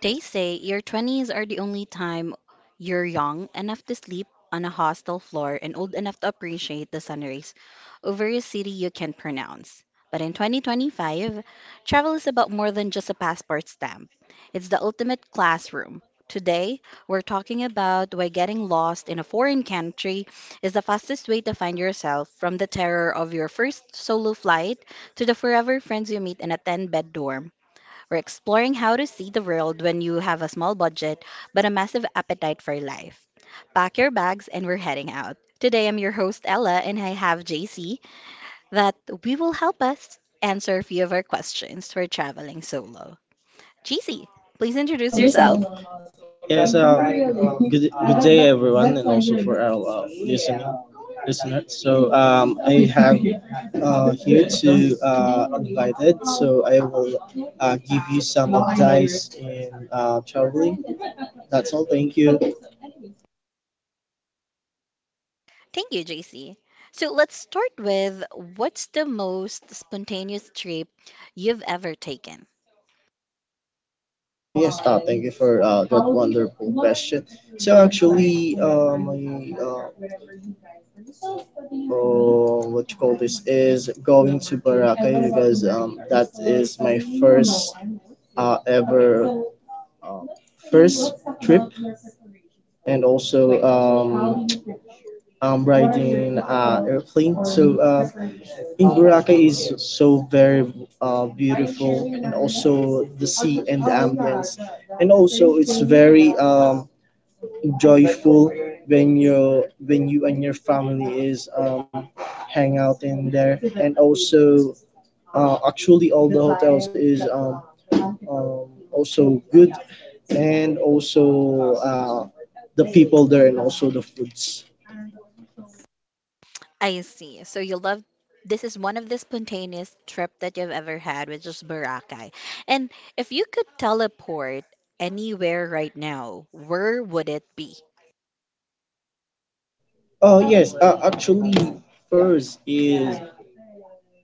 They say your 20s are the only time you're young enough to sleep on a hostel floor and old enough to appreciate the sunrise over a city you can't pronounce. But in 2025, travel is about more than just a passport stamp. It's the ultimate classroom. Today, we're talking about why getting lost in a foreign country is the fastest way to find yourself, from the terror of your first solo flight to the forever friends you meet in a 10 bed dorm. We're exploring how to see the world when you have a small budget but a massive appetite for life. Pack your bags and we're heading out. Today I'm your host Ella, and I have JC that we will help us answer a few of our questions for traveling solo. JC, please Please introduce introduce yourself. yourself. Yes, good day everyone, and also for our listening listeners. So I have here to invited. So I will give you some advice in traveling. That's all. Thank you. Thank you, JC. So let's start with, what's the most spontaneous trip you've ever taken? Oh yes, thank you for that wonderful question. So actually, what you call this is going to Boracay because that is my uh, ever first trip, and also am riding an airplane. So in Boracay is so very beautiful, and also the sea and the ambience, and also it's very joyful when you and your family is hang out in there, and also actually all the hotels is also good, and also the people there and also the foods. I see. So you love, this is one of the spontaneous trip that you've ever had, which is Boracay. And if you could teleport anywhere right now, where would it be? Oh yes, actually, first is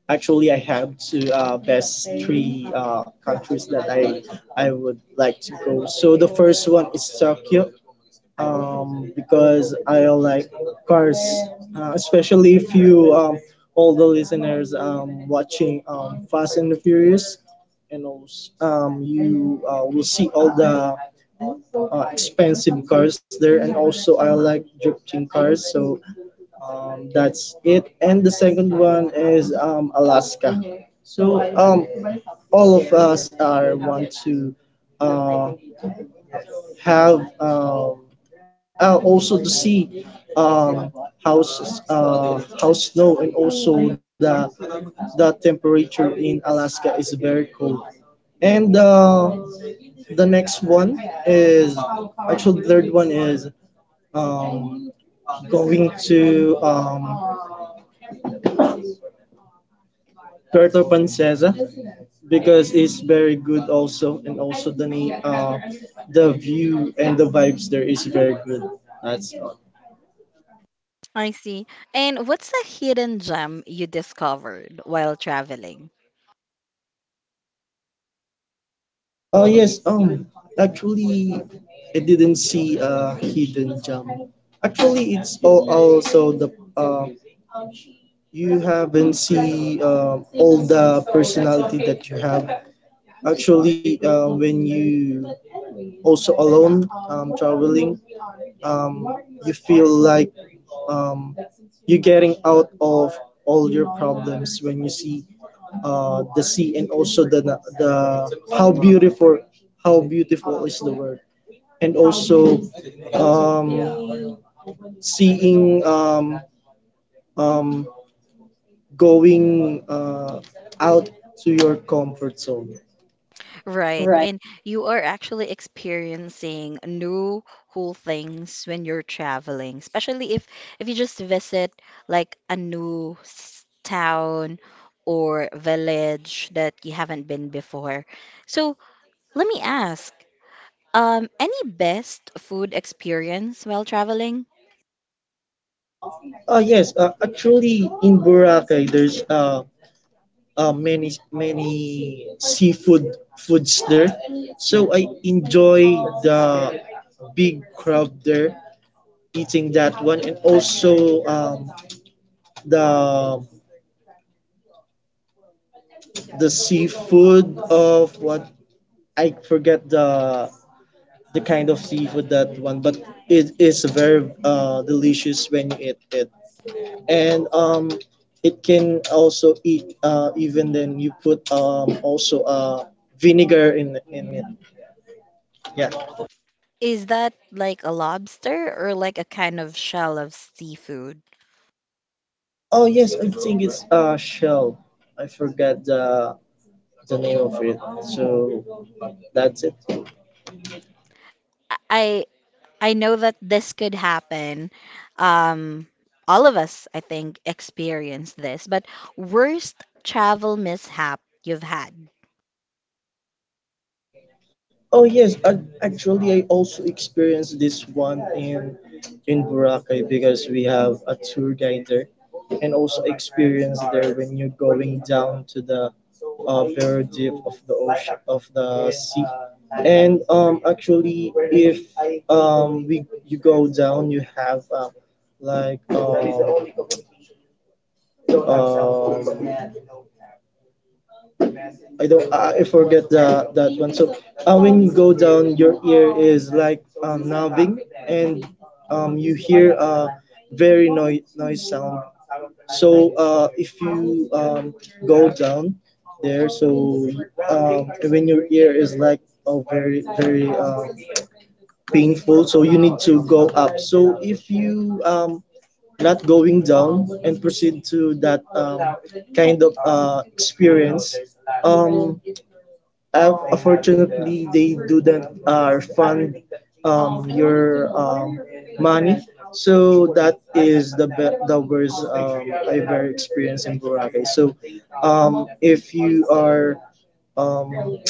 actually I have to best three countries that I would like to go. So the first one is Tokyo, because I like cars, especially if you, all the listeners watching Fast and the Furious, and also you will see all the expensive cars there, and also I like drifting cars. So that's it. And the second one is Alaska. So all of us are want to uh, have, also to see um, how snow, and also the temperature in Alaska is very cold, and the next one is, actually the third one is, um, going to Puerto Princesa, because it's very good also, and also the view and the vibes there is very good. That's all. I see. And what's the hidden gem you discovered while traveling? Oh yes, actually, I didn't see a hidden gem. Actually it's all also the uh, you haven't see all the personality that you have. Actually, when you also alone traveling, um, you feel like um, you're getting out of all your problems when you see the sea, and also the how beautiful is the world, and also um, seeing, um, going out to your comfort zone. Right. Right. And you are actually experiencing new cool things when you're traveling, especially if you just visit like a new town or village that you haven't been before. So, let me ask, any best food experience while traveling? Yes, actually in Boracay there's many seafood foods there. So I enjoy the big crab there, eating that one, and also the the seafood of what, I forget the kind of seafood that one, but it is very delicious when you eat it. And it can also eat even then you put also vinegar in it, yeah. Is that like a lobster or like a kind of shell of seafood? Oh yes, I think it's shell. I forgot the name of it. So that's it. I I know that this could happen. Um, all of us, I think, experience this. But worst travel mishap you've had? Oh yes, I, actually I also experienced this one in Boracay, because we have a tour guide there, and also experience there when you're going down to the very deep of the of the. Actually, we, you go down, you have, like, I don't, I forget the that one. So your ear is like very noise sound. If you go down there, so like painful. So you, if you not going down and proceed to that kind of app they do that your money. So is the be- the worst, if you are um,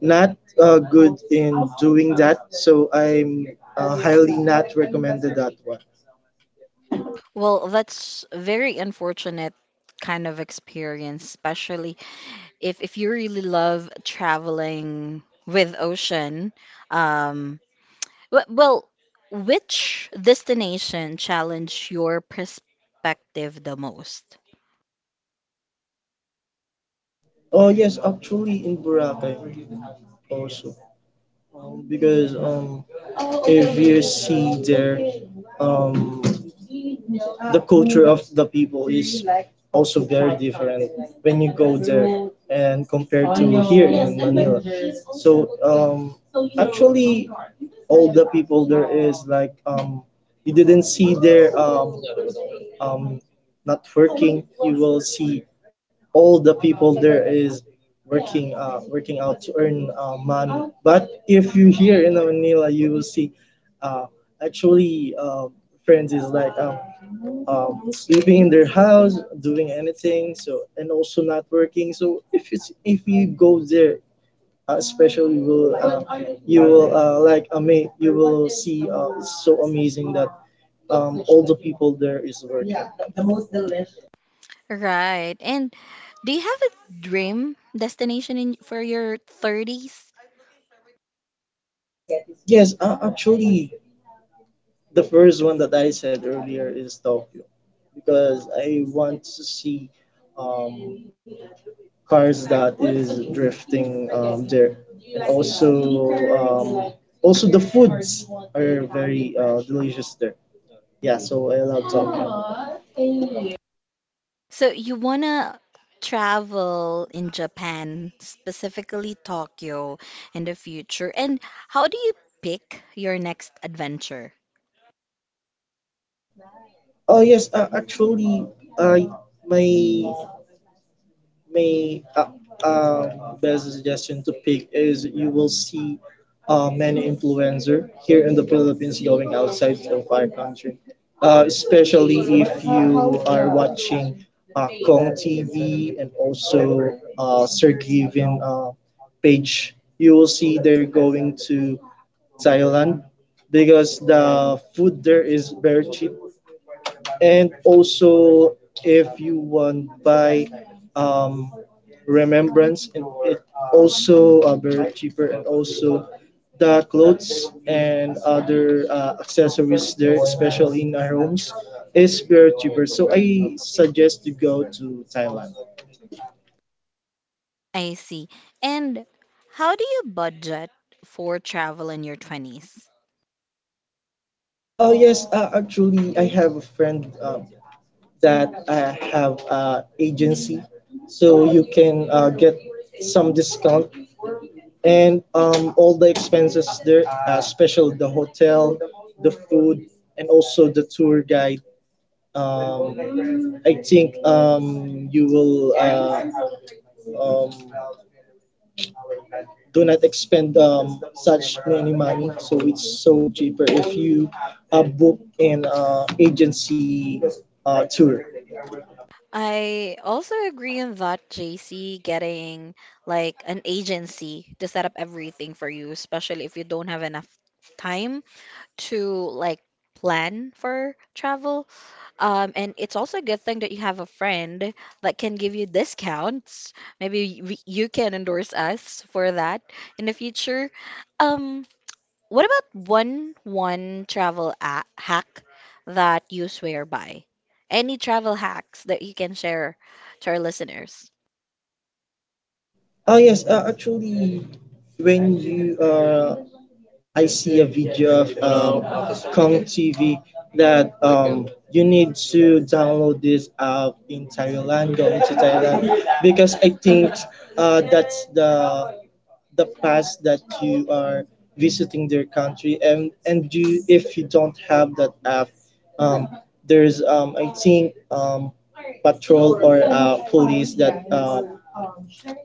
not good in doing that, so I'm highly not recommended that one. Well, that's very unfortunate kind of experience, especially if you really love traveling with ocean. Um, well, which destination challenged your perspective the most? Oh yes, actually in Boracay also, because if you see there, um, the culture of the people also very different when you go there and compare in Manila. So actually, all the people there is like, you didn't see their, um not working, you will see all the people there is working, working out to earn money. But if you here in Manila you will see, uh actually, friends is like, sleeping in their house doing anything, so, and also not working. So if it's if you go there, especially you will you will see, it's so amazing that all the people there is working. Right. And do you have a dream destination in, for your 30s? Yes, actually, the first one that I said earlier is Tokyo, because I want to see um, cars that is drifting there, and also um, also the foods are very delicious there. Yeah, so I love Tokyo. So you wanna travel in Japan, specifically Tokyo, in the future. And how do you pick your next adventure? Oh yes, actually, I my May um, there's a suggestion to pick is, you will see many influencer here in the Philippines going outside of our country, especially if you are watching Kong TV, and also Sir Given page. You will see they're going to Thailand, because the food there is very cheap, and also, if you want buy um, remembrance, and it also very cheaper, and also the clothes and other accessories there, especially in our homes, is very cheaper. So I suggest to go to Thailand. I see. And how do you budget for travel in your 20s? Oh yes, actually, I have a friend that have agency, so you can get some discount, and all the expenses there, especially the hotel, the food, and also the tour guide. I think you will, um, do not expend such many money, so it's so cheaper if you book an agency tour. I also agree on that, JC, getting like an agency to set up everything for you, especially if you don't have enough time to, like, plan for travel. And it's also a good thing that you have a friend that can give you discounts. Maybe you can endorse us for that in the future. Um, what about one travel a hack that you swear by? Any travel hacks that you can share to our listeners? Ah yes, actually, when you I see a video of Kong TV, that you need to download this app in Thailand, go into Thailand, because I think that's the pass that you are visiting their country, and you, if you don't have that app, um, there's I think patrol or police that uh,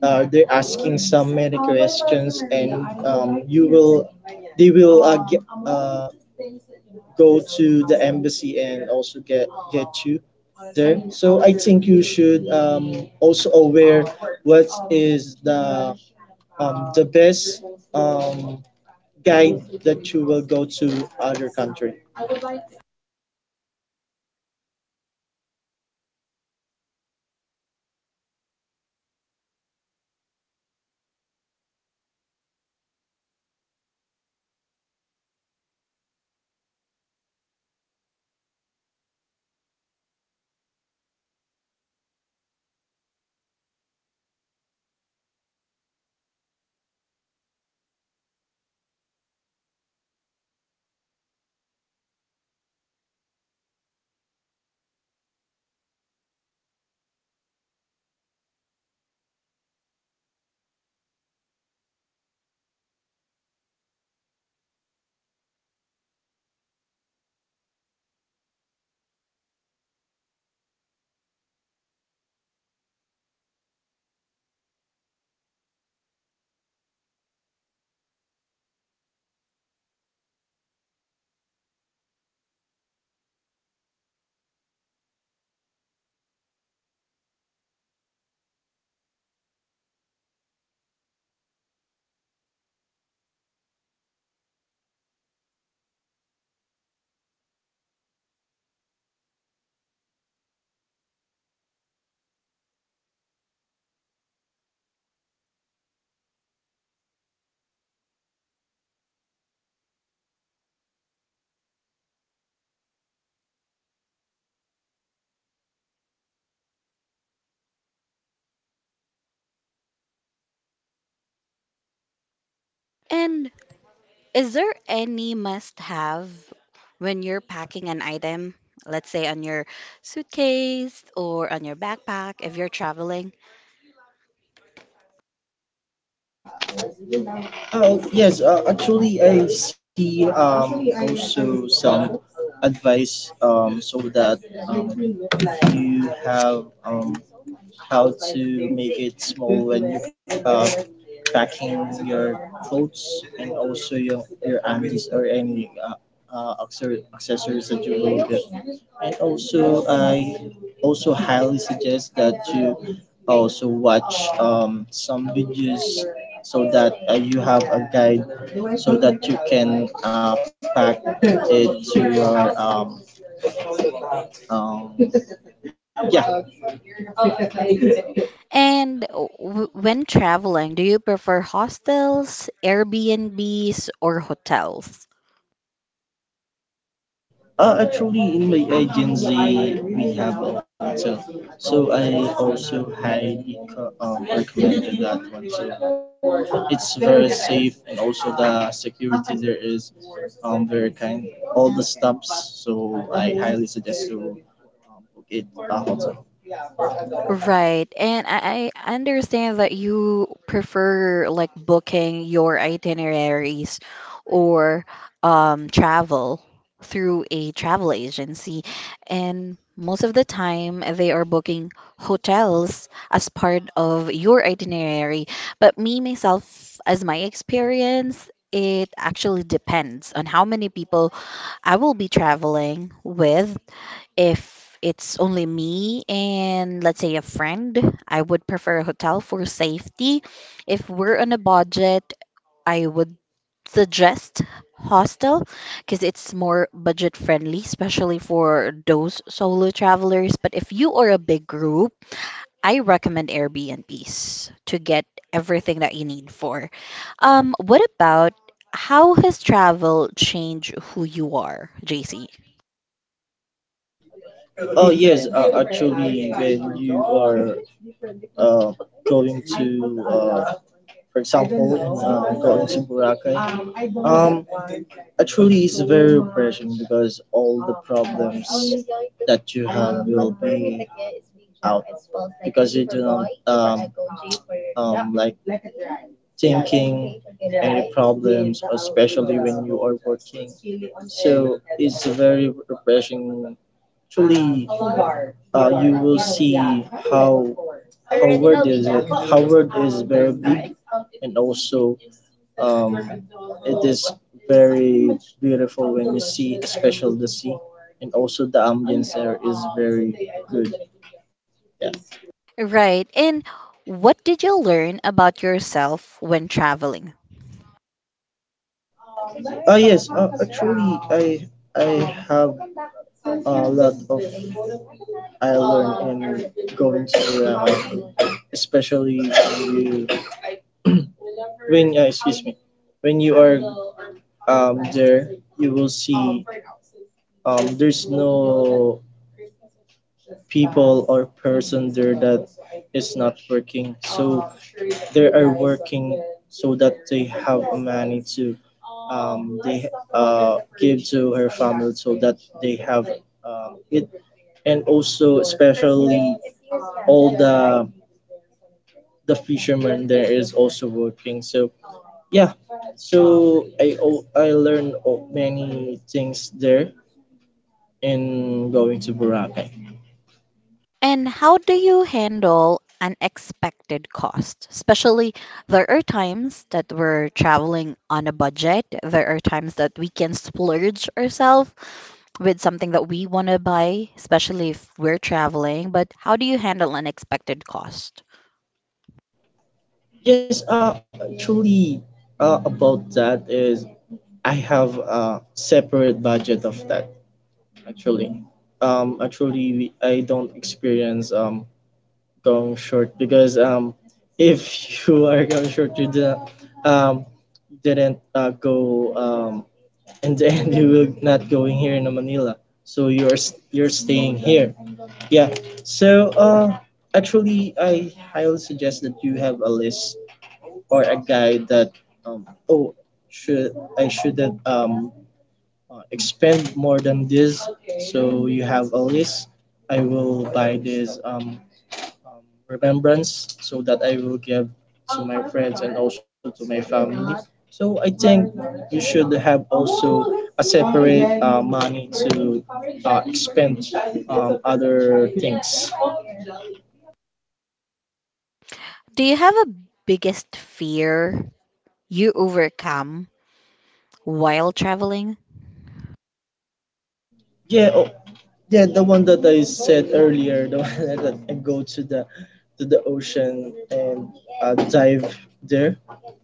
uh, they're asking some many questions, and you will, they will get, go to the embassy and also get you there. So I think you should also aware what is the best um, guide that you will go to other country. And is there any must have when you're packing an item, let's say on your suitcase or on your backpack if you're traveling? Oh, yes, actually, I see also some advice, so that um, you have how to make it small when you uh, packing your clothes, and also your undies or any accessories that you will get. And also, I also highly suggest that you also watch some videos, so that you have a guide, so that you can pack it to your, um, yeah. And w when traveling, do you prefer hostels, Airbnbs, or hotels? Actually, in my agency, we have a lot, so, so I also highly recommended that one. So it's very safe, and also the security there is very kind. All the stops, so I highly suggest to book it a hotel. Right. And I understand that you prefer like booking your itineraries or travel through a travel agency. And most of the time, they are booking hotels as part of your itinerary. But me, myself, as my experience, it actually depends on how many people I will be traveling with. If it's only me and, let's say, a friend, I would prefer a hotel for safety. If we're on a budget, I would suggest hostel because it's more budget friendly, especially for those solo travelers. But if you are a big group, I recommend Airbnbs to get everything that you need for. What about, how has travel changed who you are, JC? Oh yes, actually, when you are uh, going to, for example, in Boracay, actually it's because all that you have, like for working refreshing. Howard is very big, and also, um, it is very beautiful when you see, especially the sea, and also the ambience there is very good. Yeah. Right. And what did you learn about yourself when traveling? Ah yes. Actually, I have a lot of, I learn, and especially when you, when you will see there's a person there working to eat, and also especially all the fishermen there is also working, so yeah. So I learned many things there in going to Boracay. And how do you handle unexpected costs? Especially, there are times that we're traveling on a budget. There are times that we can splurge ourselves with something that we want to buy, especially if we're traveling. But how do you handle unexpected cost? Yes, actually, about that is, I have a separate budget of that. Actually, actually we, I don't experience come short, because if you are coming short, you did not, um you didn't go, in the end you will not going here in Manila. So you're staying here, yeah. So actually, I highly suggest that you have a list or a guide that, um oh, should I, shouldn't, expend more than this. So you have a list, I will buy this, remembrance, so that I will give to my friends and also to my family. So I think you should have also a separate money to expend other things. Do you have a biggest fear you overcome while traveling? Yeah, oh, yeah, the one that I said earlier, the one that I go to the ocean and dive there.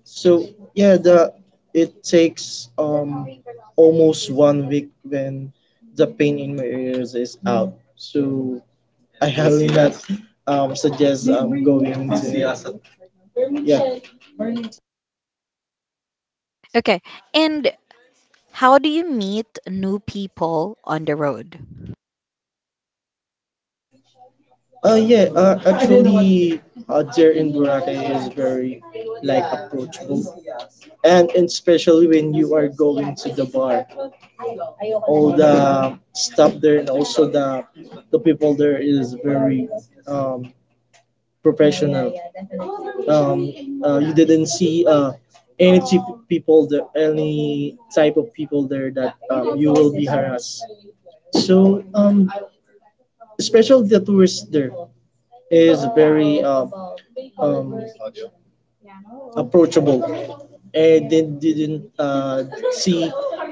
So yeah, the it takes almost one week when the pain in my ears is out. So I highly not suggest going to, yeah. Okay, and how do you meet new people on the road? Oh yeah, actually, there in Boracay is very, and especially when you are to the bar, stop there, and also the people there is very, um you didn't see any type people there, any type of people there that you will be harassed. So, especially the tourists there is um, approachable, and they didn't see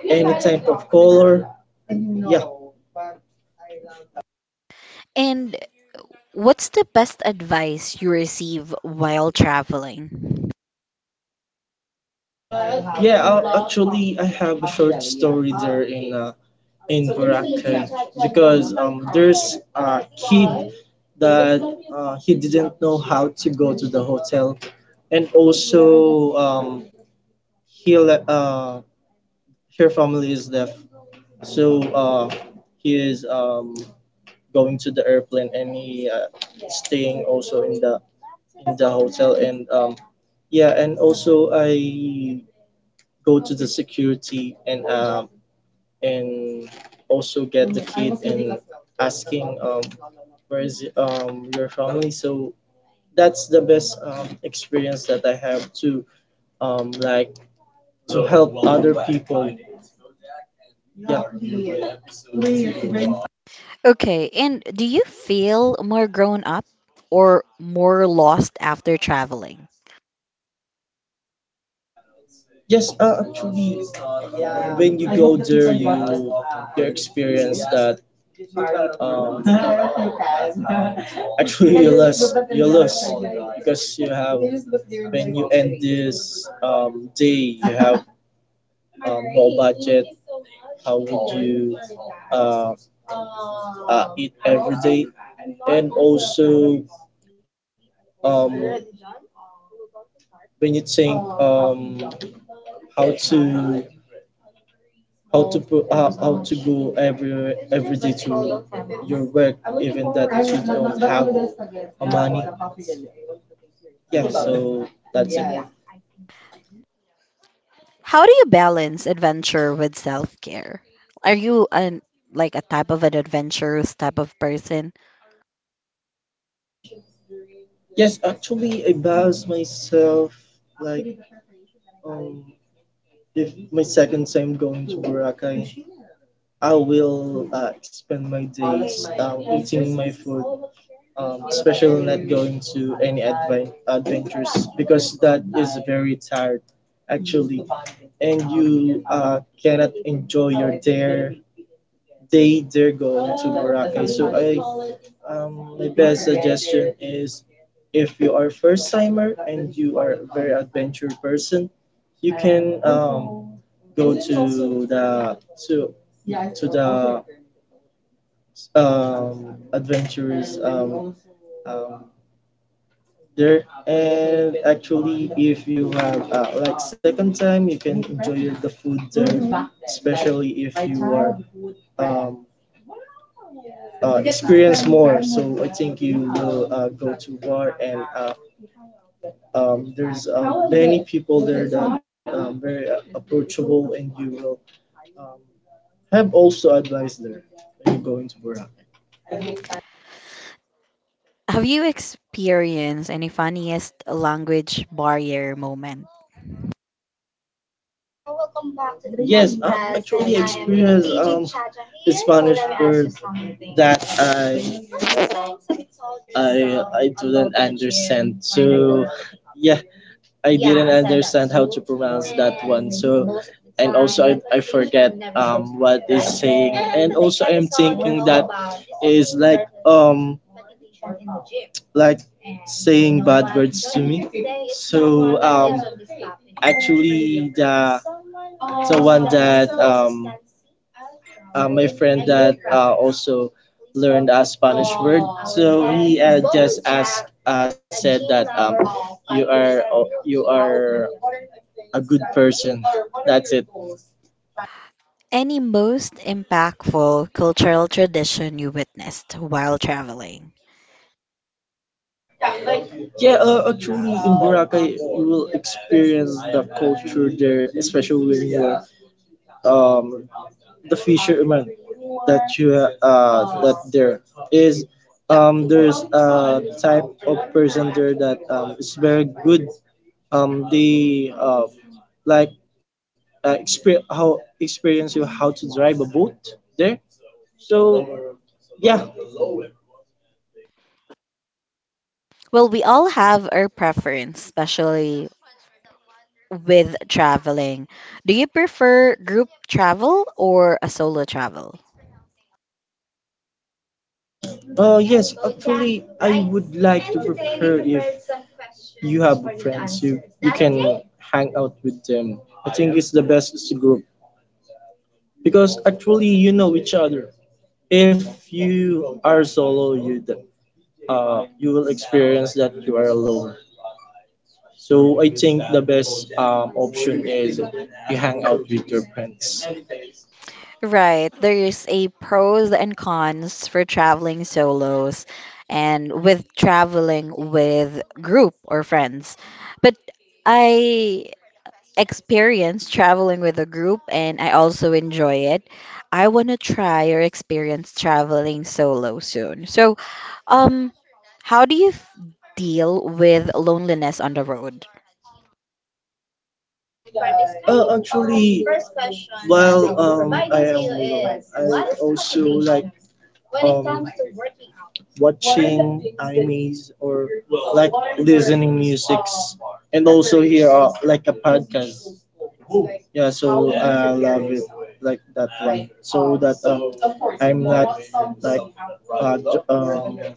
any type of color. And what's the best advice you receive while traveling? Actually, I have reader in Boracay because there's a kid that he didn't know how to go to the hotel and also he uh her family is deaf so he is going to the airplane and he staying also in the hotel, and yeah, and also I go to the security, and and also get the ask where is your family. So that's the best experience that I have to like to help other people. Okay, and do you feel more grown up or more lost after traveling? Yes, have day, uh, it, um, when you think, how to how to pro, how, to go every work. So How do you balance adventure with self-care? Are you an, like, a type of an adventurous type of person? yes, actually, I base myself like, um, if can say I'm going to Boracay, I will spend my day eating my food. Uh, because I'm very tired. I cannot enjoy day there go. If you are first culture person, um the to adventure there, uh, time, you can eat the food really if experience more. So I think you uh, go- there's many people there that very approachable, and you will um, have also advice there when you go into Boracay. Have you experienced any funniest language barrier moment? But yeah, I to pronounce what they. Um, like the my friend so but uh Any most impactful cultural tradition you witnessed while traveling? yeah. Actually in Boracay you will experience the culture there, especially when you're um the fisherman that you that there is there's a type of person there that is very good. They like how experience you how to drive a boat there, so yeah. Well, we all have our preference, especially with traveling. Do you prefer group travel or a solo travel? Yes, would like hang out with them. I think it's the best group, because actually you know each other. If you are solo you that, you will experience that you are alone. So I think the best option is you hang out with your friends, Right, there's a pros and cons for traveling solos and with traveling with group or friends. But I experience traveling with a group and I also enjoy it. I want to try or experience traveling solo soon. So, um how do you deal with loneliness on the road? watching or listening music, and like a yes, like that. Um, uh, um,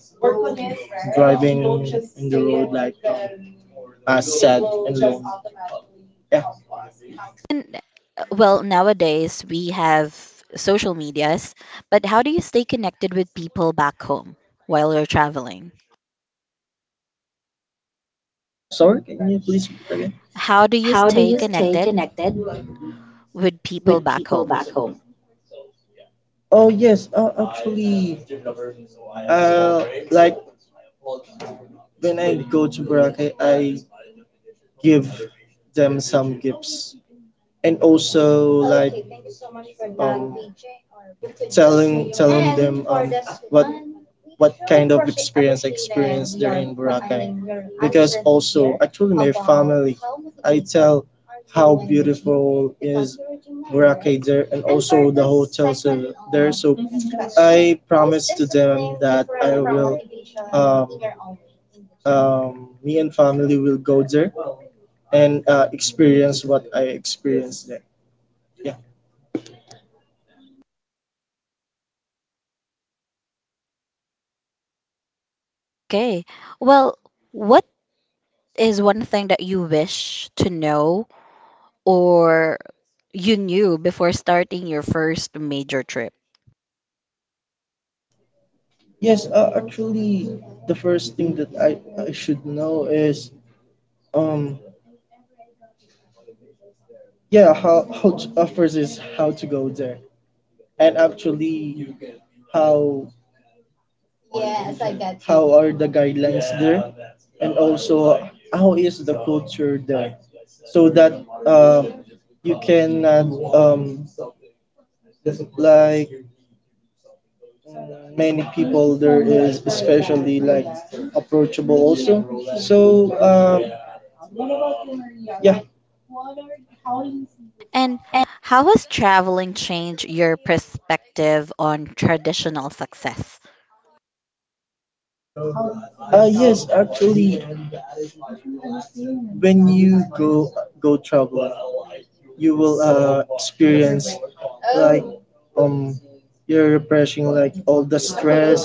as And well, nowadays we have social medias, but how do you stay connected with people back home while you're traveling? Oh, sorry, can you please repeat again? How do you How do stay you stay connected connected with people with back people home? back home? Oh yes, actually, like when I go to Boracay, I give them some gifts, and also a tourism hotel there, and I pro- me and family will go there and experience what I experienced there, yeah. Okay. Well, what is one thing that you wish to know or you knew before starting your first major trip? Yes actually the first thing that I should know is um yeah, how to, first is how to go there, and actually how are the guidelines there, and also how is the culture there, so that uh, you cannot, um, like many people approachable, um, yeah. And how has traveling changed your perspective on traditional success? Yes, actually when you go travel, you will experience, um your refreshing, like all the stress,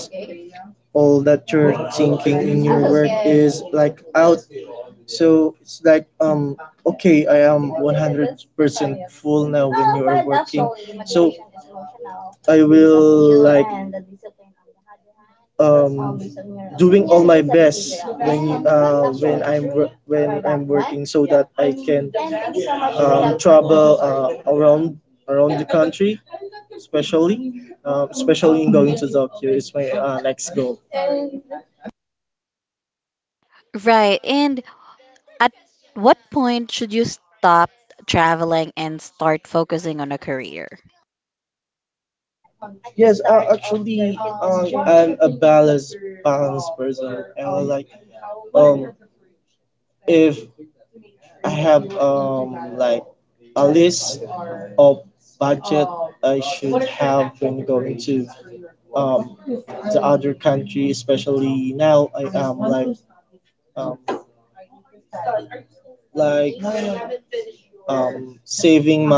all that you're thinking is like out. So it's like okay, I am full now. I will um uh, so travel around around the country, especially to Tokyo is my next goal. Right. And at what point should you stop traveling and start focusing on a career? Actually, if a list of bag I to, um, other country, especially now I, um, saving,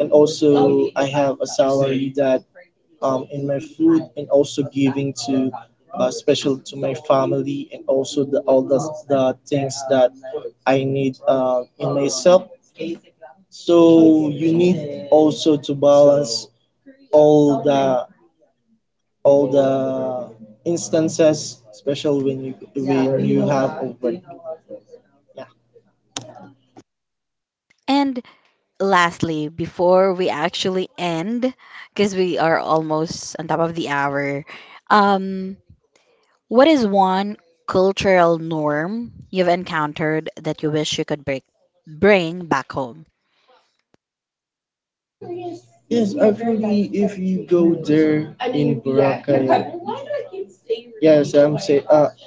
and also I have a side that in my food and also giving to special to my family and also the all the things that I need in myself. So you need also to balance all the all the instances, especially when you go. Yeah. And lastly, before we actually end, because we are almost on top of the hour, um, what is one cultural norm you've encountered that you wish you could break, bring back home? Yes, actually, if you go there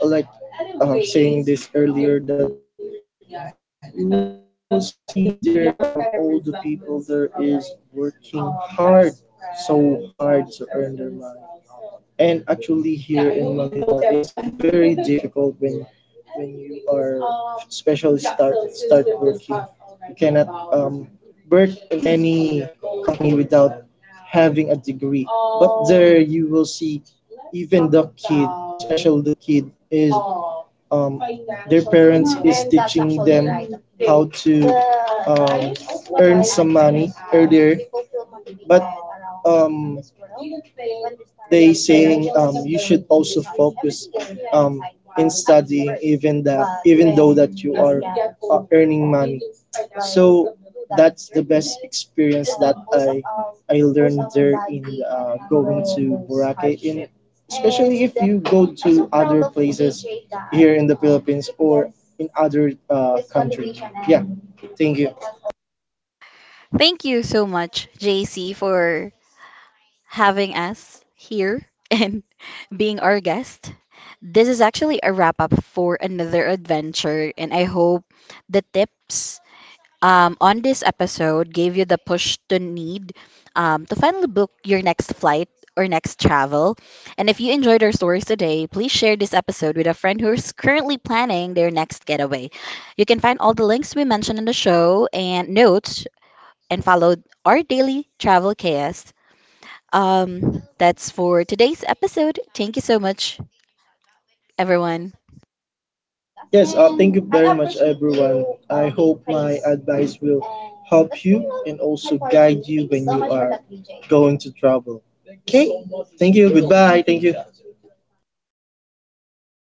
like this early work, and actually it's difficult when, especially me having a degree, where you will see all the kid is um to even that that you experience. I'll do Boracay in you go there and in other Thank you so much, JC, for having us here and being our guest. This is actually a wrap up for another adventure, and I hope the tips, on this episode gave you the push to need, to finally book your next flight or next travel. And if you enjoyed our stories today, please share this episode with a friend who is currently planning their next getaway. You can find all the links we mentioned in the show and notes and follow our daily travel KS. That's for today's episode. Thank you so much, everyone. yes, advice will and going to trouble. Okay? So thank you. Goodbye. Thank you.